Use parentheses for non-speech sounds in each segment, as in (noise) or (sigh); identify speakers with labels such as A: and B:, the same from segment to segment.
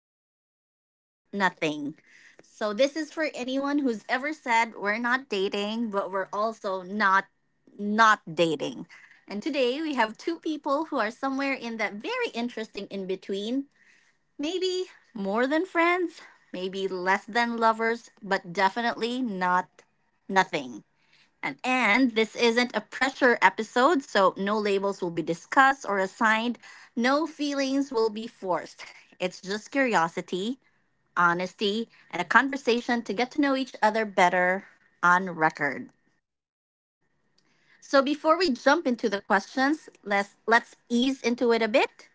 A: titled Not Nothing. So, this is for anyone who's ever said we're not dating, but we're also not not dating. And today we have two people who are somewhere in that very interesting in between. Maybe more than friends, maybe less than lovers, but definitely not nothing. And this isn't a pressure episode, so no labels will be discussed or assigned. No feelings will be forced. It's just curiosity, honesty, and a conversation to get to know each other better on record. So before we jump into the questions, let's ease into it a bit.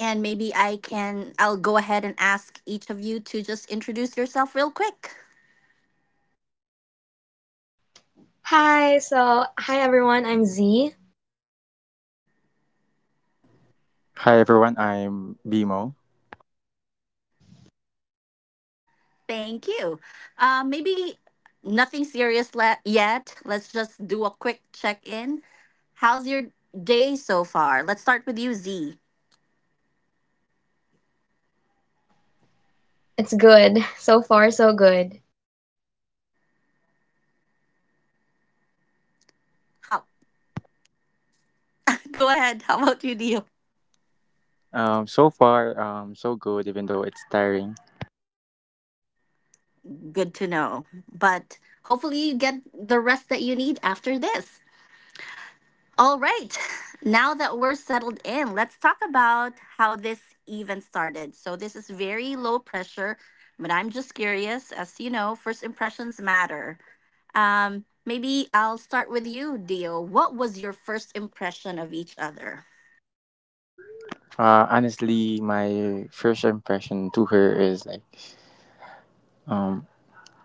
A: And maybe I'll go ahead and ask each of you to just introduce yourself real quick.
B: Hi, hi everyone, I'm Z.
C: Hi everyone, I'm Bimo.
A: Thank you. Maybe nothing serious yet. Let's just do a quick check in. How's your day so far? Let's start with you, Z.
B: It's good. So far, so good.
A: How? (laughs) Go ahead. How about you, Dio?
C: So far, so good, even though it's tiring.
A: Good to know. But hopefully, you get the rest that you need after this. All right. Now that we're settled in, let's talk about how this even started. So, this is very low pressure, but I'm just curious. As you know, first impressions matter. Maybe I'll start with you, Dio. What was your first impression of each other?
C: Honestly, my first impression to her is like, um,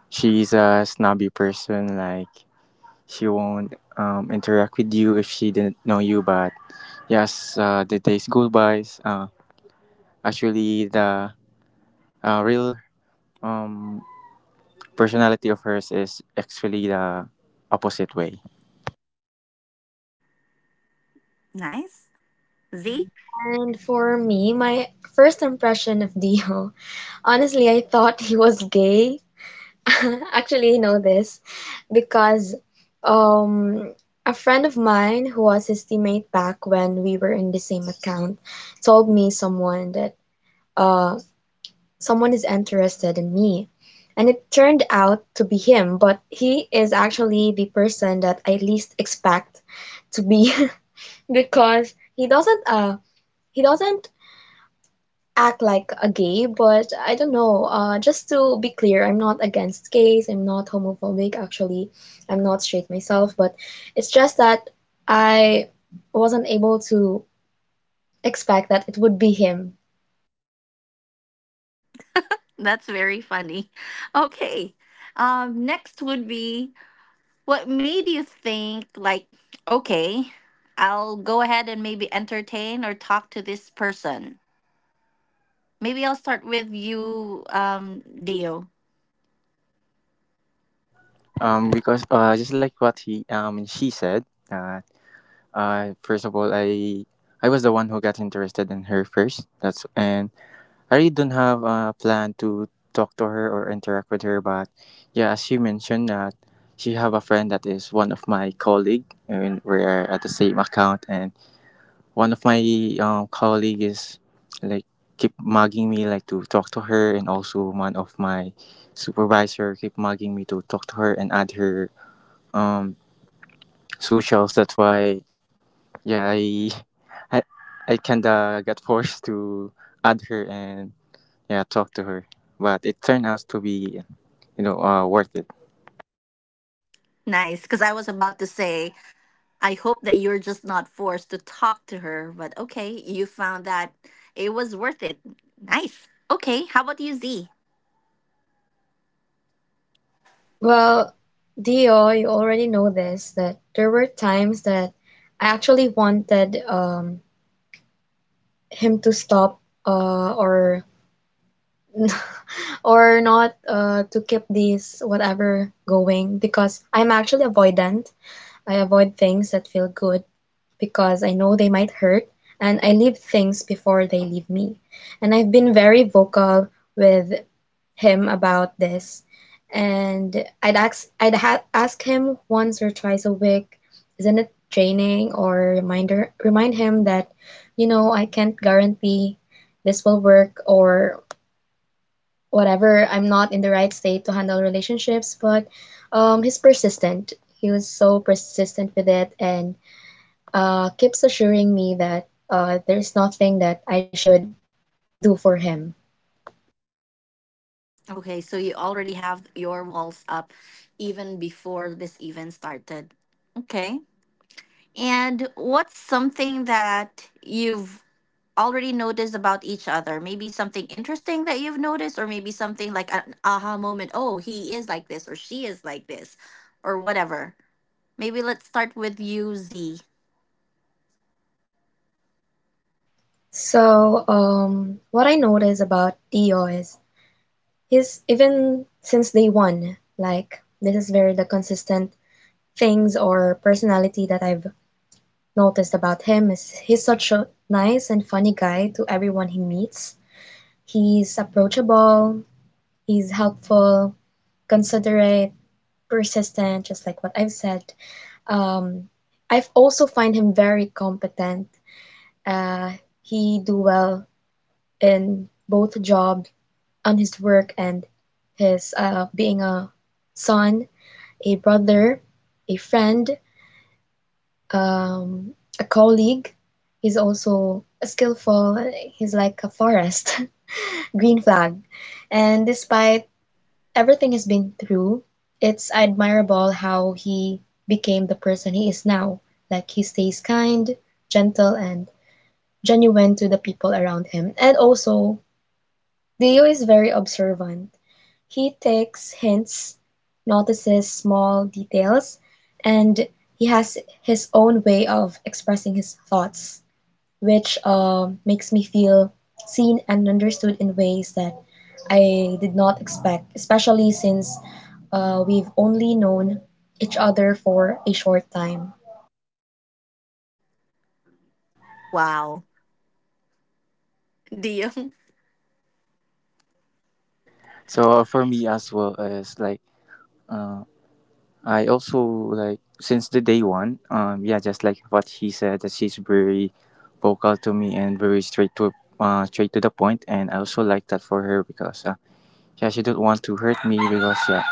C: she's a snobby person. Like, she won't interact with you if she didn't know you. But yes, the days go by. Actually, the real um, personality of hers is actually the opposite way.
A: Nice. Z?
B: And for me, my first impression of (laughs) Dio, honestly, I thought he was gay. (laughs) Actually, I know this because um a friend of mine who was his teammate back when we were in the same account told me uh someone is interested in me. And it turned out to be him, but he is actually the person that I least expect to be, (laughs) because he doesn't act like a gay, but I don't know. Just to be clear, I'm not against gays, I'm not homophobic actually. I'm not straight myself, but it's just that I wasn't able to expect that it would be him.
A: That's very funny. (laughs) Okay. Next would be what made you think, like, okay, I'll go ahead and maybe entertain or talk to this person? Maybe I'll start with you, Dio.
C: Because just like what he she said. Uh, first of all, I was the one who got interested in her first. That's and I really don't have a plan to talk to her or interact with her. But yeah, as she mentioned that she have a friend that is one of my colleague, and we're at the same account. And one of my colleague is like keep mugging me like to talk to her, and also one of my supervisor keep mugging me to talk to her and add her um socials. That's why yeah i, I kind of got forced to add her and yeah talk to her, but it turned out to be worth it.
A: Nice, because I was about to say, I hope that you're just not forced to talk to her, but okay, you found that it was worth it. Nice. Okay, how about you, Z?
B: Well, Dio, you already know this, that there were times that I actually wanted, him to stop, or (laughs) or not, to keep these whatever going because I'm actually avoidant. I avoid things that feel good because I know they might hurt, and I leave things before they leave me. And I've been very vocal with him about this, and I'd ask him once or twice a week, isn't it draining? Or remind him that, you know, I can't guarantee this will work or whatever. I'm not in the right state to handle relationships, but he's persistent. He was so persistent with it, and keeps assuring me that there's nothing that I should do for him.
A: Okay, so you already have your walls up even before this even started. Okay. And what's something that you've already noticed about each other? Maybe something interesting that you've noticed, or maybe something like an aha moment. Oh, he is like this, or she is like this, or whatever. Maybe let's start with you, Z.
B: So, what I notice about Tio is he's, even since day one, like, this is very the consistent things or personality that I've noticed about him is he's such a nice and funny guy to everyone he meets. He's approachable, he's helpful, considerate, persistent, just like what I've said. um, I've also find him very competent. uh, he do well in both job, on his work and his, being a son, a brother, a friend, um, a colleague. He's also a skillful. He's like a forest, (laughs) green flag. And despite everything he's been through, it's admirable how he became the person he is now. Like, he stays kind, gentle, and genuine to the people around him. And also, Dio is very observant. He takes hints, notices small details, and he has his own way of expressing his thoughts, which makes me feel seen and understood in ways that I did not expect, especially since we've only known each other for a short time.
A: Wow. (laughs) Do you?
C: So, for me as well, as like I also like since the day one, yeah just like what he said that she's very vocal to me and very straight to the point, and I also like that for her because yeah she don't want to hurt me because yeah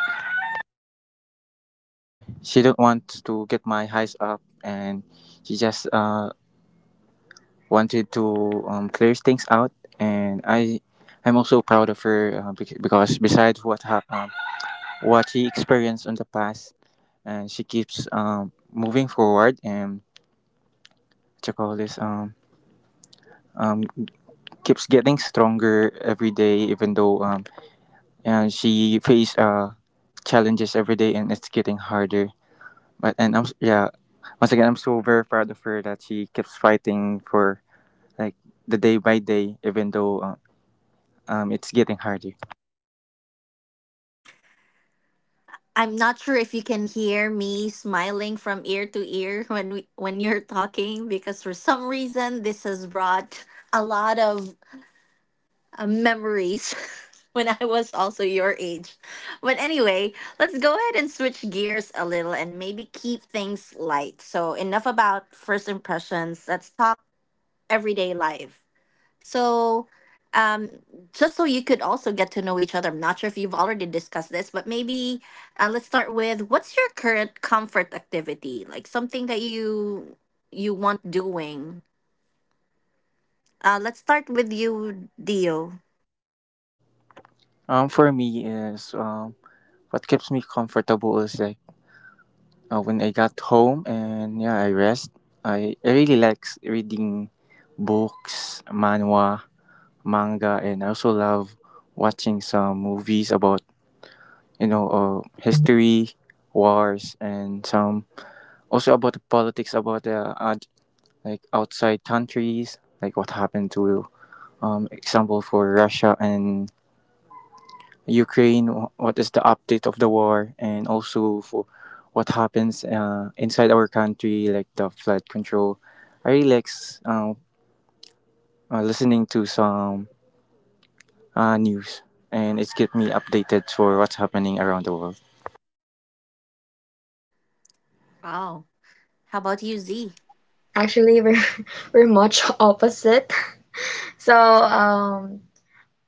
C: she don't want to get my highs up, and she just wanted to clear things out, and I'm also proud of her, because besides what she experienced in the past, and she keeps moving forward and check all this um, keeps getting stronger every day, even though and she face challenges every day, and it's getting harder. But, yeah, once again I'm so very proud of her that she keeps fighting for, like, the day by day, even though it's getting harder.
A: I'm not sure if you can hear me smiling from ear to ear when we when you're talking, because for some reason this has brought a lot of memories (laughs) when I was also your age. But anyway, let's go ahead and switch gears a little and maybe keep things light. So enough about first impressions. Let's talk everyday life. So, um, just so you could also get to know each other, I'm not sure if you've already discussed this, but maybe let's start with what's your current comfort activity, like something that you want doing. Let's start with you, Dio.
C: For me is what keeps me comfortable is, like, when I got home and yeah, I rest. I really like reading books, manhwa, manga, and I also love watching some movies about history, wars, and some also about the politics about the like outside countries, like what happened to example for Russia and Ukraine, what is the update of the war, and also for what happens inside our country, like the flood control. I really like uh, listening to some news, and it's get me updated for what's happening around the world.
A: Wow. How about you, Z?
B: Actually, we're (laughs) we're much opposite. So, um,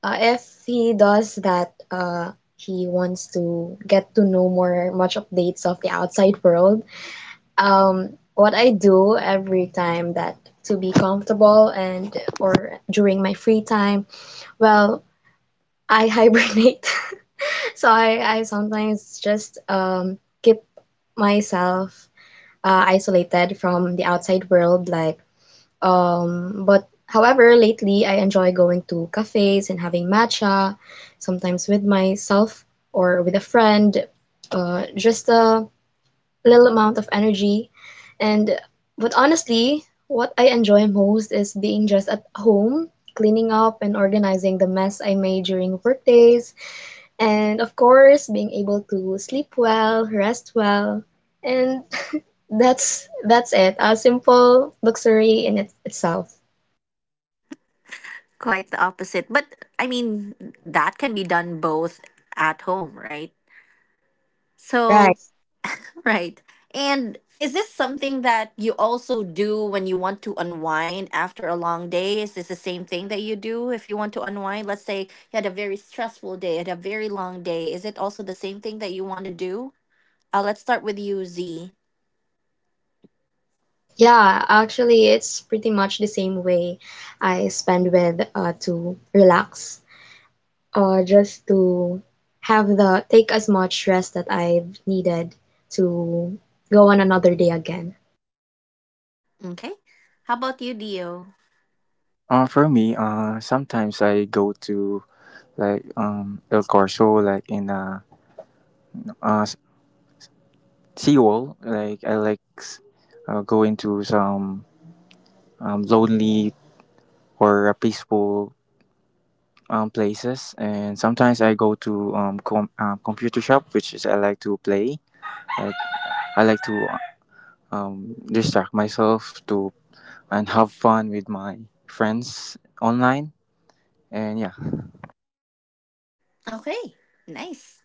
B: Uh, if he does that, he wants to get to know more much updates of the outside world. What I do every time that to be comfortable and or during my free time, well, I hibernate. (laughs) So I sometimes just, keep myself isolated from the outside world, like, but however, lately I enjoy going to cafes and having matcha, sometimes with myself or with a friend, just a little amount of energy. And but honestly, what I enjoy most is being just at home, cleaning up and organizing the mess I made during work days, and of course, being able to sleep well, rest well, and (laughs) that's it. A simple luxury in itself.
A: Quite the opposite, but I mean, that can be done both at home, right?
B: Right.
A: So, right. And is this something that you also do when you want to unwind after a long day? Is this the same thing that you do if you want to unwind? Let's say you had a very stressful day, had a very long day. Is it also the same thing that you want to do? Let's start with you, Z.
B: Yeah, actually, it's pretty much the same way I spend with, to relax, or just to have the take as much rest that I've needed to go on another day again.
A: Okay. How about you, Dio?
C: For me, sometimes I go to, like, El Corso, like in a uh, seawall. Like I like going to some lonely or a peaceful places, and sometimes I go to computer shop, which is I like to play. Like I like to distract myself to and have fun with my friends online, and yeah,
A: Okay. Nice.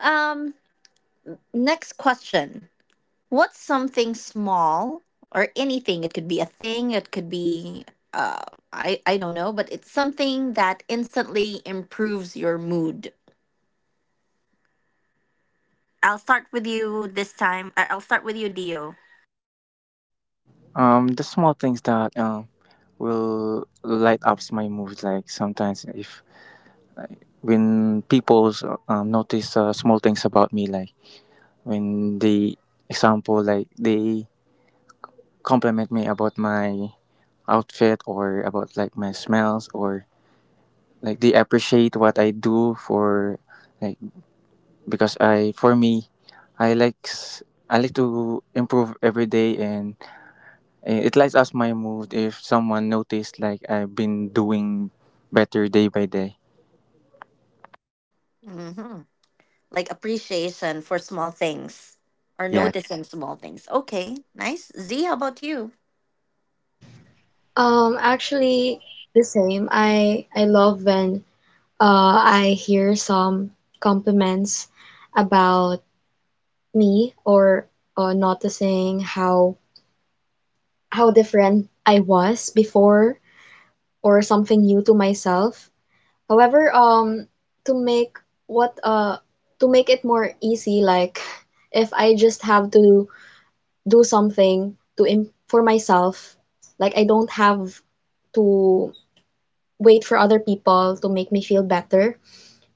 A: Um, Next question. What's something small or anything? It could be a thing, it could be uh I don't know, but it's something that instantly improves your mood. I'll start with you this time. I'll start with you, Dio.
C: the small things that will light up my mood. Like sometimes if when people notice small things about me, like when they example like they compliment me about my outfit or about like my smells or like they appreciate what I do for like because I for me I I like to improve every day, and it lights up my mood if someone noticed like I've been doing better day by day.
A: Hmm. Like appreciation for small things or
C: Yeah,
A: noticing small things. Okay, nice. Z, how about you?
B: Actually, the same. I love when I hear some compliments about me or, noticing how different I was before or something new to myself. However, to make what to make it more easy, like, (laughs) if I just have to do something to im for myself, like, I don't have to wait for other people to make me feel better.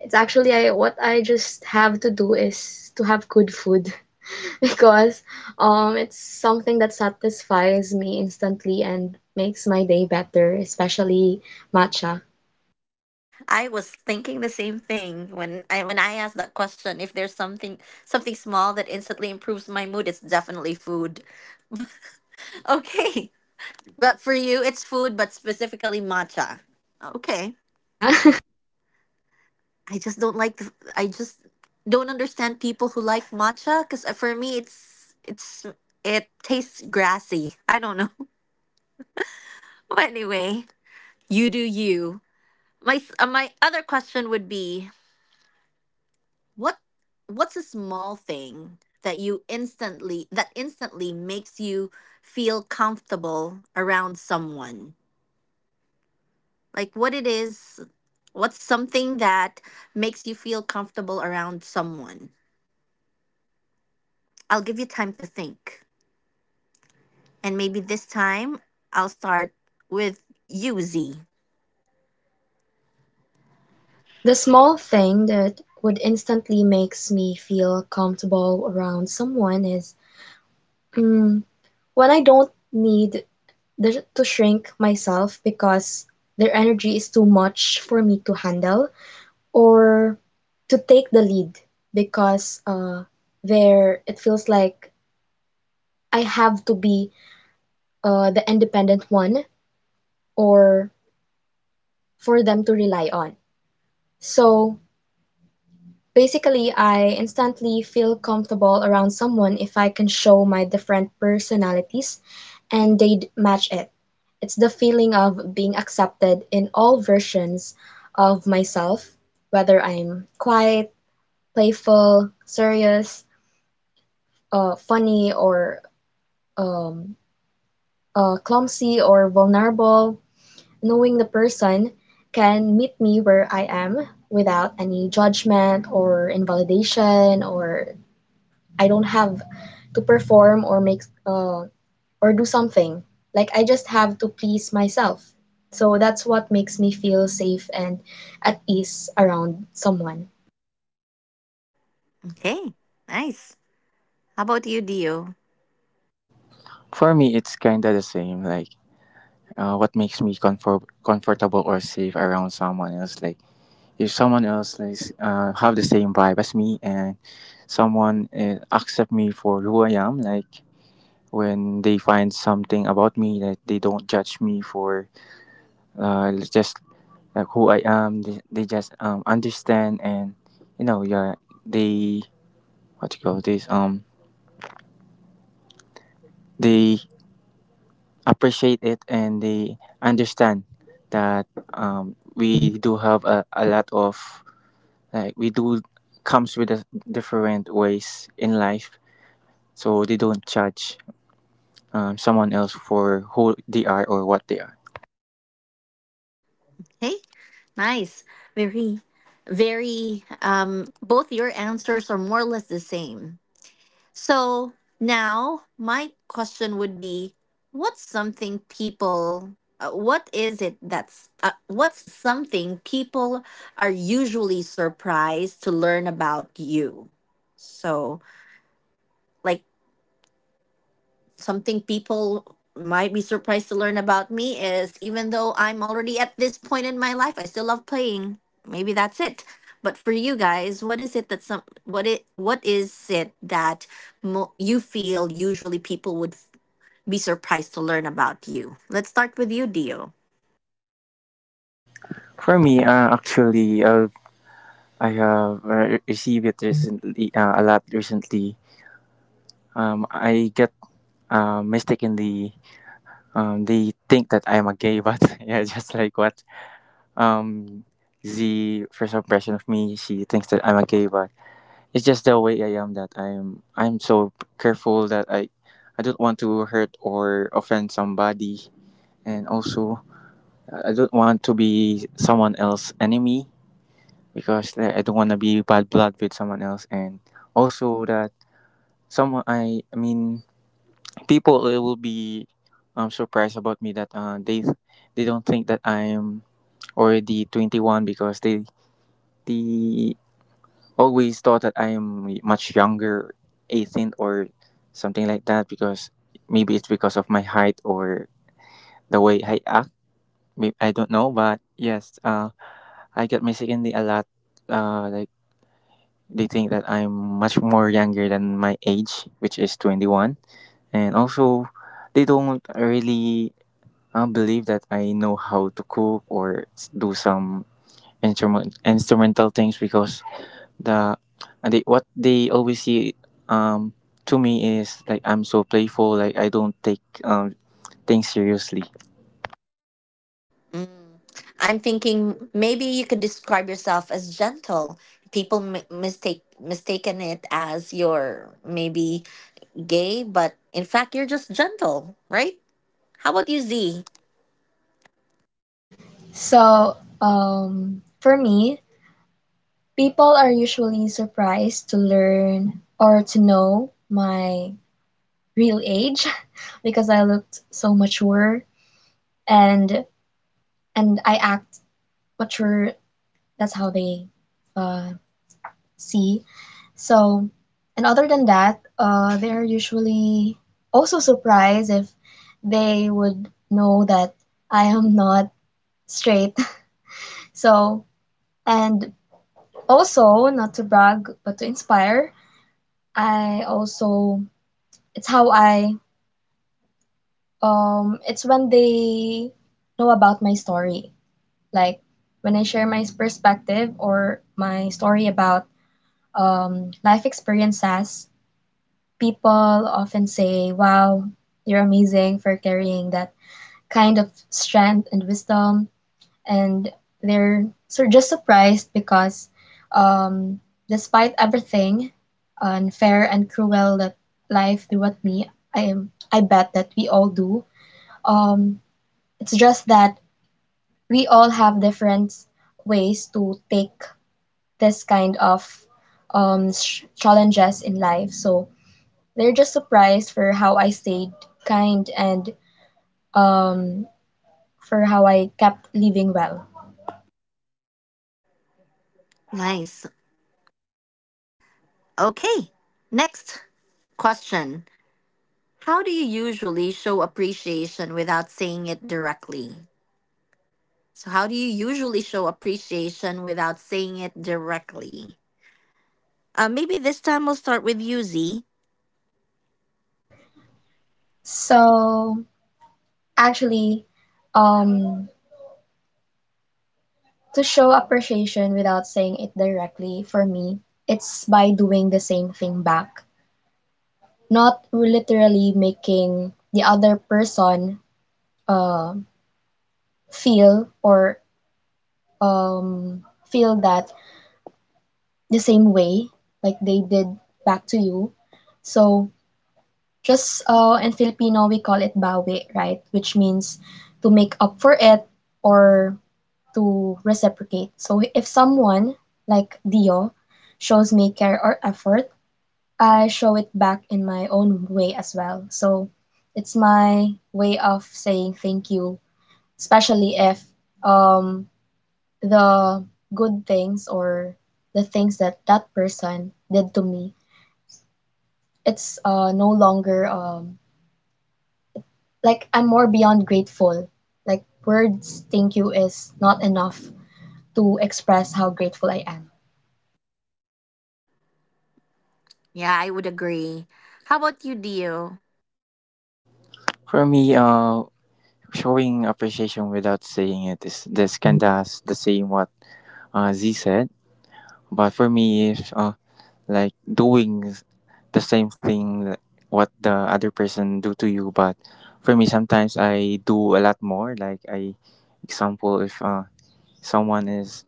B: It's actually, I just have to do is to have good food, (laughs) because it's something that satisfies me instantly and makes my day better, especially matcha.
A: I was thinking the same thing when I asked that question. If there's something small that instantly improves my mood, it's definitely food. (laughs) Okay. But for you, it's food, but specifically matcha. Okay.
B: Yeah. (laughs)
A: I just don't understand people who like matcha, because for me, it tastes grassy. I don't know. (laughs) But anyway, you do you. My other question would be what what's a small thing that you instantly that instantly makes you feel comfortable around someone? Like what it is, what's something that makes you feel comfortable around someone? I'll give you time to think. And maybe this time I'll start with you, Z.
B: The small thing that would instantly makes me feel comfortable around someone is, mm, when I don't need to shrink myself because their energy is too much for me to handle or to take the lead because there it feels like I have to be the independent one or for them to rely on. So, basically, I instantly feel comfortable around someone if I can show my different personalities and they'd match it. It's the feeling of being accepted in all versions of myself, whether I'm quiet, playful, serious, funny, or um, clumsy or vulnerable. Knowing the person can meet me where I am without any judgment or invalidation, or I don't have to perform or make, or do something. Like, I just have to please myself. So that's what makes me feel safe and at ease around someone.
A: Okay, nice. How about you, Dio?
C: for me it's kind of the same, like what makes me comfortable or safe around someone else, like if someone else is, have the same vibe as me, and someone accept me for who I am, like when they find something about me that they don't judge me for, just like who I am, they just understand, and yeah they what you call this they appreciate it, and they understand that we do have a lot of, like, we do comes with a different ways in life, so they don't judge someone else for who they are or what they are.
A: Hey, nice. Very, very, both your answers are more or less the same. So now my question would be what's something people what is it that's what's something people are usually surprised to learn about you? So, like, something people might be surprised to learn about me is, even though I'm already at this point in my life, I still love playing. Maybe that's it. But for you guys, what is it that some what it what is it that mo- you feel usually people would be surprised to learn about you. Let's start with you, Dio.
C: For me, actually, I have received it recently, a lot recently. I get mistakenly, they think that I'm a gay, but (laughs) yeah, just like what um, the first impression of me, she thinks that I'm a gay, but it's just the way I am that I'm. I'm so careful that I don't want to hurt or offend somebody, and also I don't want to be someone else's enemy, because I don't want to be bad blood with someone else, and also that someone I mean people will be surprised about me, that they don't think that I'm already 21 because they always thought that I'm much younger, 18 or something like that, because maybe it's because of my height or the way I act. I don't know, but yes, I get mistakenly a lot. Like they think that I'm much more younger than my age, which is 21, and also they don't really believe that I know how to cook or do some instrumental things, because the they, what they always see um to me is like I'm so playful, like I don't take things seriously.
A: Mm, I'm thinking maybe you could describe yourself as gentle. People mistaken it as you're maybe gay, but in fact you're just gentle, right? How about you, Z?
B: So, for me, people are usually surprised to learn or to know my real age (laughs) because I looked so mature, and and I act mature. That's how they uh, see. So, and other than that, they're usually also surprised if they would know that I am not straight. (laughs) So, and also, not to brag, but to inspire, I also, it's how I, it's when they know about my story. Like, when I share my perspective or my story about life experiences, people often say, "Wow, you're amazing for carrying that kind of strength and wisdom." And they're so just surprised because, um, despite everything unfair and cruel that life threw at me, I bet that we all do. Um, it's just that we all have different ways to take this kind of, challenges in life. So, they're just surprised for how I stayed kind, and um, for how I kept living well.
A: Nice. Okay. Next question. How do you usually show appreciation without saying it directly? So, how do you usually show appreciation without saying it directly? Maybe this time we'll start with you, Z.
B: So actually, um, to show appreciation without saying it directly, for me, it's by doing the same thing back, not literally making the other person, uh, feel or, um, feel that the same way like they did back to you. So just, in Filipino, we call it bawi, right? Which means to make up for it or to reciprocate. So if someone, like Dio, shows me care or effort, I show it back in my own way as well. So it's my way of saying thank you, especially if um, the good things or the things that that person did to me, it's, no longer, like, I'm more beyond grateful. Like, words, thank you, is not enough to express how grateful I am.
A: Yeah, I would agree. How about you, Dio?
C: For me, showing appreciation without saying it is this kind of the same what Z said. But for me, if like doing the same thing what the other person do to you, but for me sometimes I do a lot more. Like example, if someone is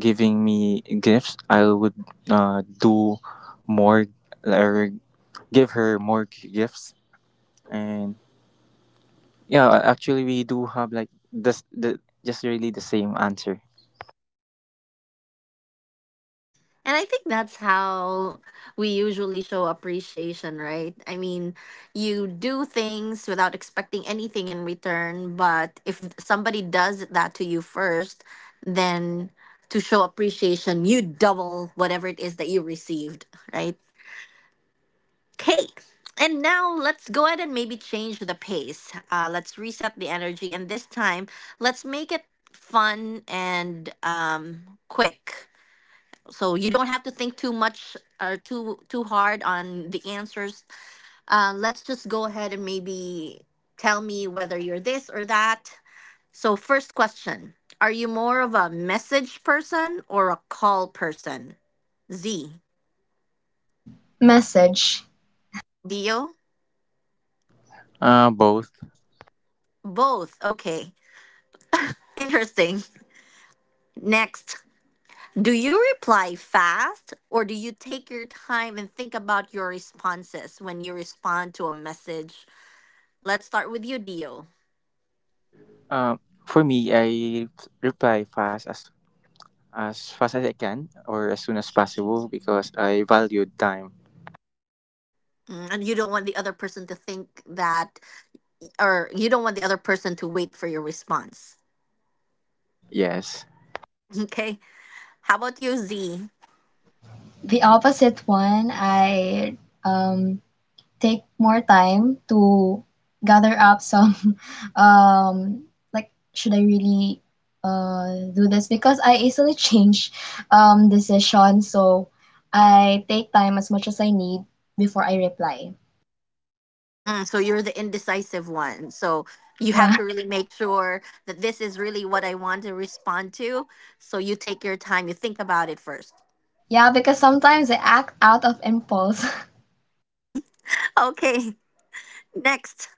C: giving me gifts, I would do more or give her more gifts, and yeah, actually, we do have like this the just really the same answer.
A: And I think that's how we usually show appreciation, right? I mean, you do things without expecting anything in return, but if somebody does that to you first, then to show appreciation, you double whatever it is that you received, right? Okay, and now let's go ahead and maybe change the pace. Let's reset the energy, and this time let's make it fun and quick. So you don't have to think too much or too hard on the answers. Let's just go ahead and maybe tell me whether you're this or that. So first question: are you more of a message person or a call person? Z.
B: Message.
A: Dio?
C: Both.
A: Both. Okay. (laughs) Interesting. Next, do you reply fast or do you take your time and think about your responses when you respond to a message? Let's start with you, Dio.
C: Uh, for me, I reply fast as fast as I can, or as soon as possible, because I value time.
A: Mm, and you don't want the other person to think that, or you don't want the other person to wait for your response.
C: Yes.
A: (laughs) Okay. How about you, Z?
B: The opposite one, I, um, take more time to gather up some (laughs) um, like, should I really do this, because I easily change decisions. So I take time as much as I need before I reply.
A: Mm, so you're the indecisive one. So you have
B: Yeah.
A: to really make sure that this is really what I want to respond to. So you take your time, you think about it first.
B: Yeah, because sometimes I act out of impulse. (laughs)
A: Okay. (laughs) Next.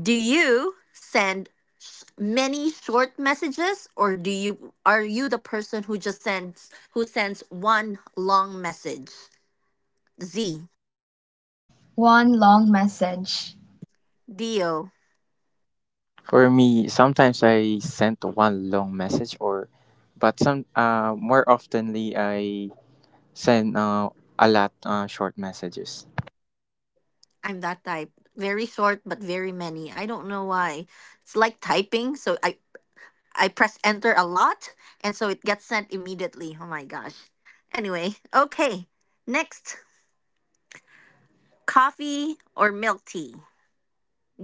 A: Do you send many short messages, or do you are you the person who sends one long message? Z,
B: One long message.
A: Dio,
C: For me, sometimes I send one long message, or, but some more oftenly I send a lot short messages.
A: I'm that type. Very short but very many. I don't know why. It's like typing, so I press enter a lot and so it gets sent immediately. Oh my gosh. Anyway, okay. Next, coffee or milk tea?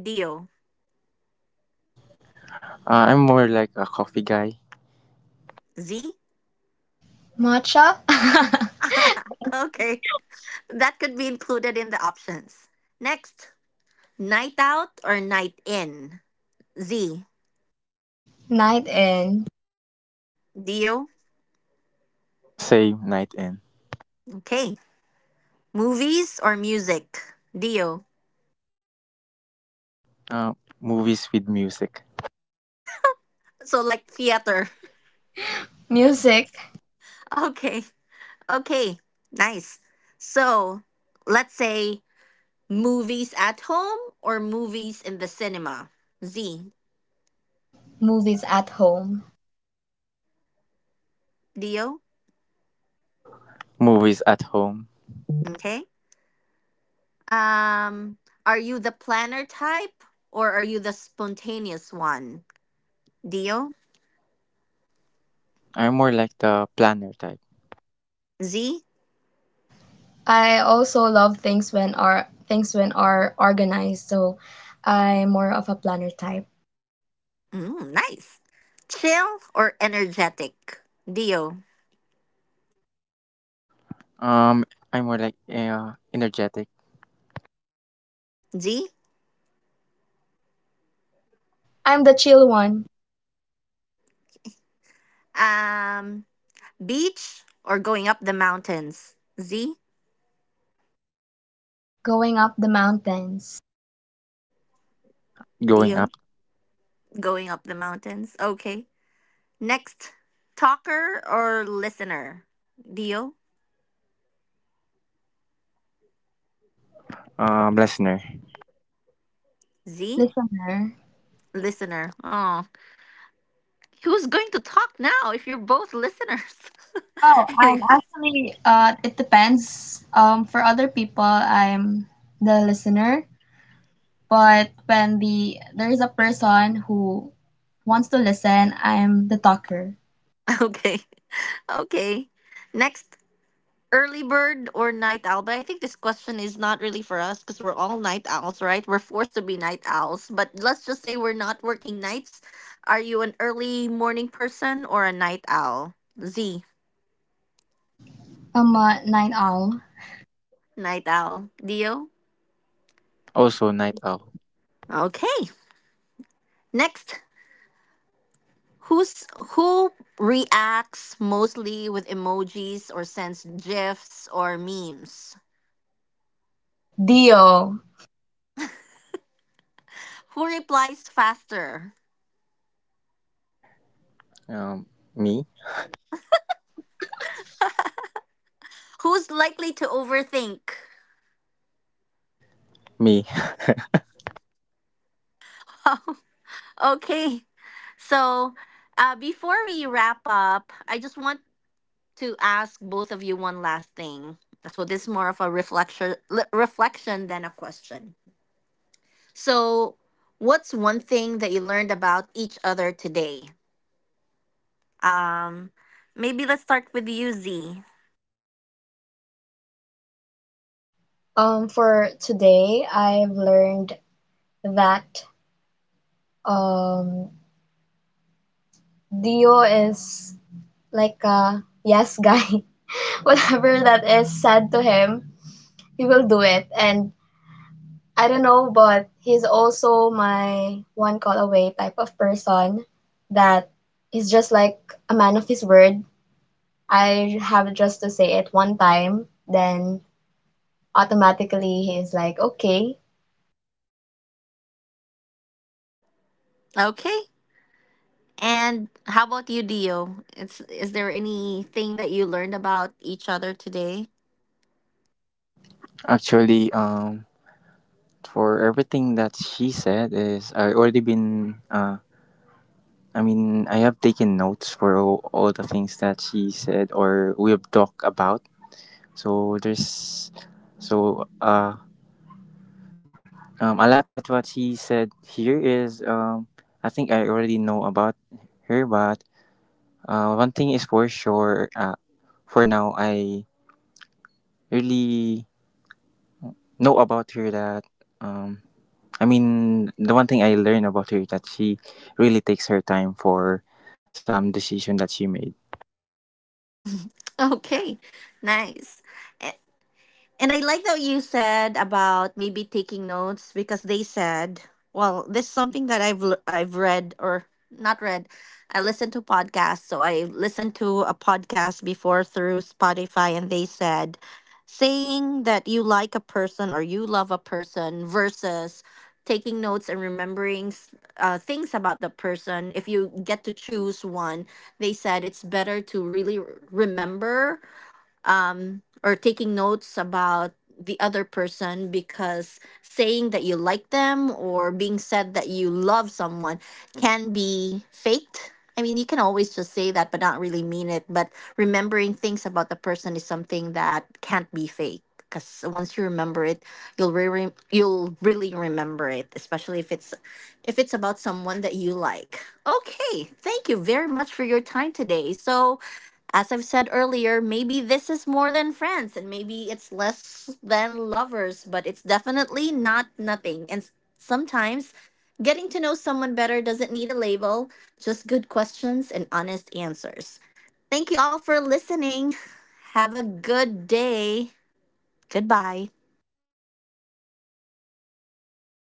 A: Dio,
C: I'm more like a coffee guy.
A: Z.
B: Matcha? (laughs)
A: (laughs) Okay. That could be included in the options. Next, night out or night in? Z.
B: Night in.
A: Dio.
C: Same, night in.
A: Okay. Movies or music? Dio.
C: Uh, movies with music.
A: So, like, theater. (laughs)
B: Music.
A: Okay. Okay. Nice. So, let's say, movies at home or movies in the cinema? Z.
B: Movies at home.
A: Dio.
C: Movies at home.
A: Okay. Um, are you the planner type or are you the spontaneous one? Dio.
C: I'm more like the planner type.
A: Z.
B: I also love things when are organized, so I'm more of a planner type.
A: Mm, nice. Chill or energetic? Dio.
C: Um, I'm more like energetic.
A: Z.
B: I'm the chill one.
A: Um, Beach or going up the mountains? Z.
B: Going up the mountains.
C: Going
A: Dio.
C: up.
A: Going up the mountains. Okay. Next. Talker or listener? Dio.
C: Listener.
A: Z.
B: Listener.
A: Listener. Oh, who's going to talk now if you're both listeners?
B: Oh,
A: (laughs)
B: actually, it depends. For other people, I'm the listener, but when there is a person who wants to listen, I'm the talker.
A: Okay. Okay. Next. Early bird or night owl? But I think this question is not really for us because we're all night owls, right? We're forced to be night owls. But let's just say we're not working nights. Are you an early morning person or a night owl? Z,
B: Ama Nine Ang
A: night owl. Dio?
C: Also, night owl.
A: Okay. Next, who's who reacts mostly with emojis or sends gifs or memes?
B: Dio.
A: Who replies faster?
C: Um, me,
A: Who's likely to overthink?
C: me.
A: Okay. So, before we wrap up, I just want to ask both of you one last thing. So this is more of a reflection reflection than a question. So, what's one thing that you learned about each other today? Um, Maybe let's start with you, Z.
B: For today, I've learned that um, Dio is like a yes guy. (laughs) Whatever that is said to him, he will do it. And I don't know, but he's also my one call away type of person that is just like a man of his word. I have just to say it one time, then automatically he's like, okay,
A: Okay. And how about you, Dio? It's Is there anything that you learned about each other today?
C: (laughs) Actually, for everything that she said is I already been. I mean, I have taken notes for all the things that she said or we have talked about. So there's, so I like that what he said here is, I think I already know about her, but one thing is for sure. For now, I really know about her that, um, I mean, the one thing I learned about her, that she really takes her time for some decision that she made.
A: Okay. Nice. And I like that you said about maybe taking notes, because they said, well, this is something that I've read or not read. I listened to podcasts, so I listened to a podcast before through Spotify, and they said, saying that you like a person or you love a person versus taking notes and remembering things about the person. If you get to choose one, they said it's better to really remember, or taking notes about the other person, because saying that you like them or being said that you love someone can be faked. I mean, you can always just say that but not really mean it. But remembering things about the person is something that can't be fake, because once you remember it, you'll really remember it, especially if it's about someone that you like. Okay, thank you very much for your time today. So as I've said earlier, maybe this is more than friends and maybe it's less than lovers, but it's definitely not nothing. And sometimes getting to know someone better doesn't need a label, just good questions and honest answers. Thank you all for listening. Have a good day. Goodbye.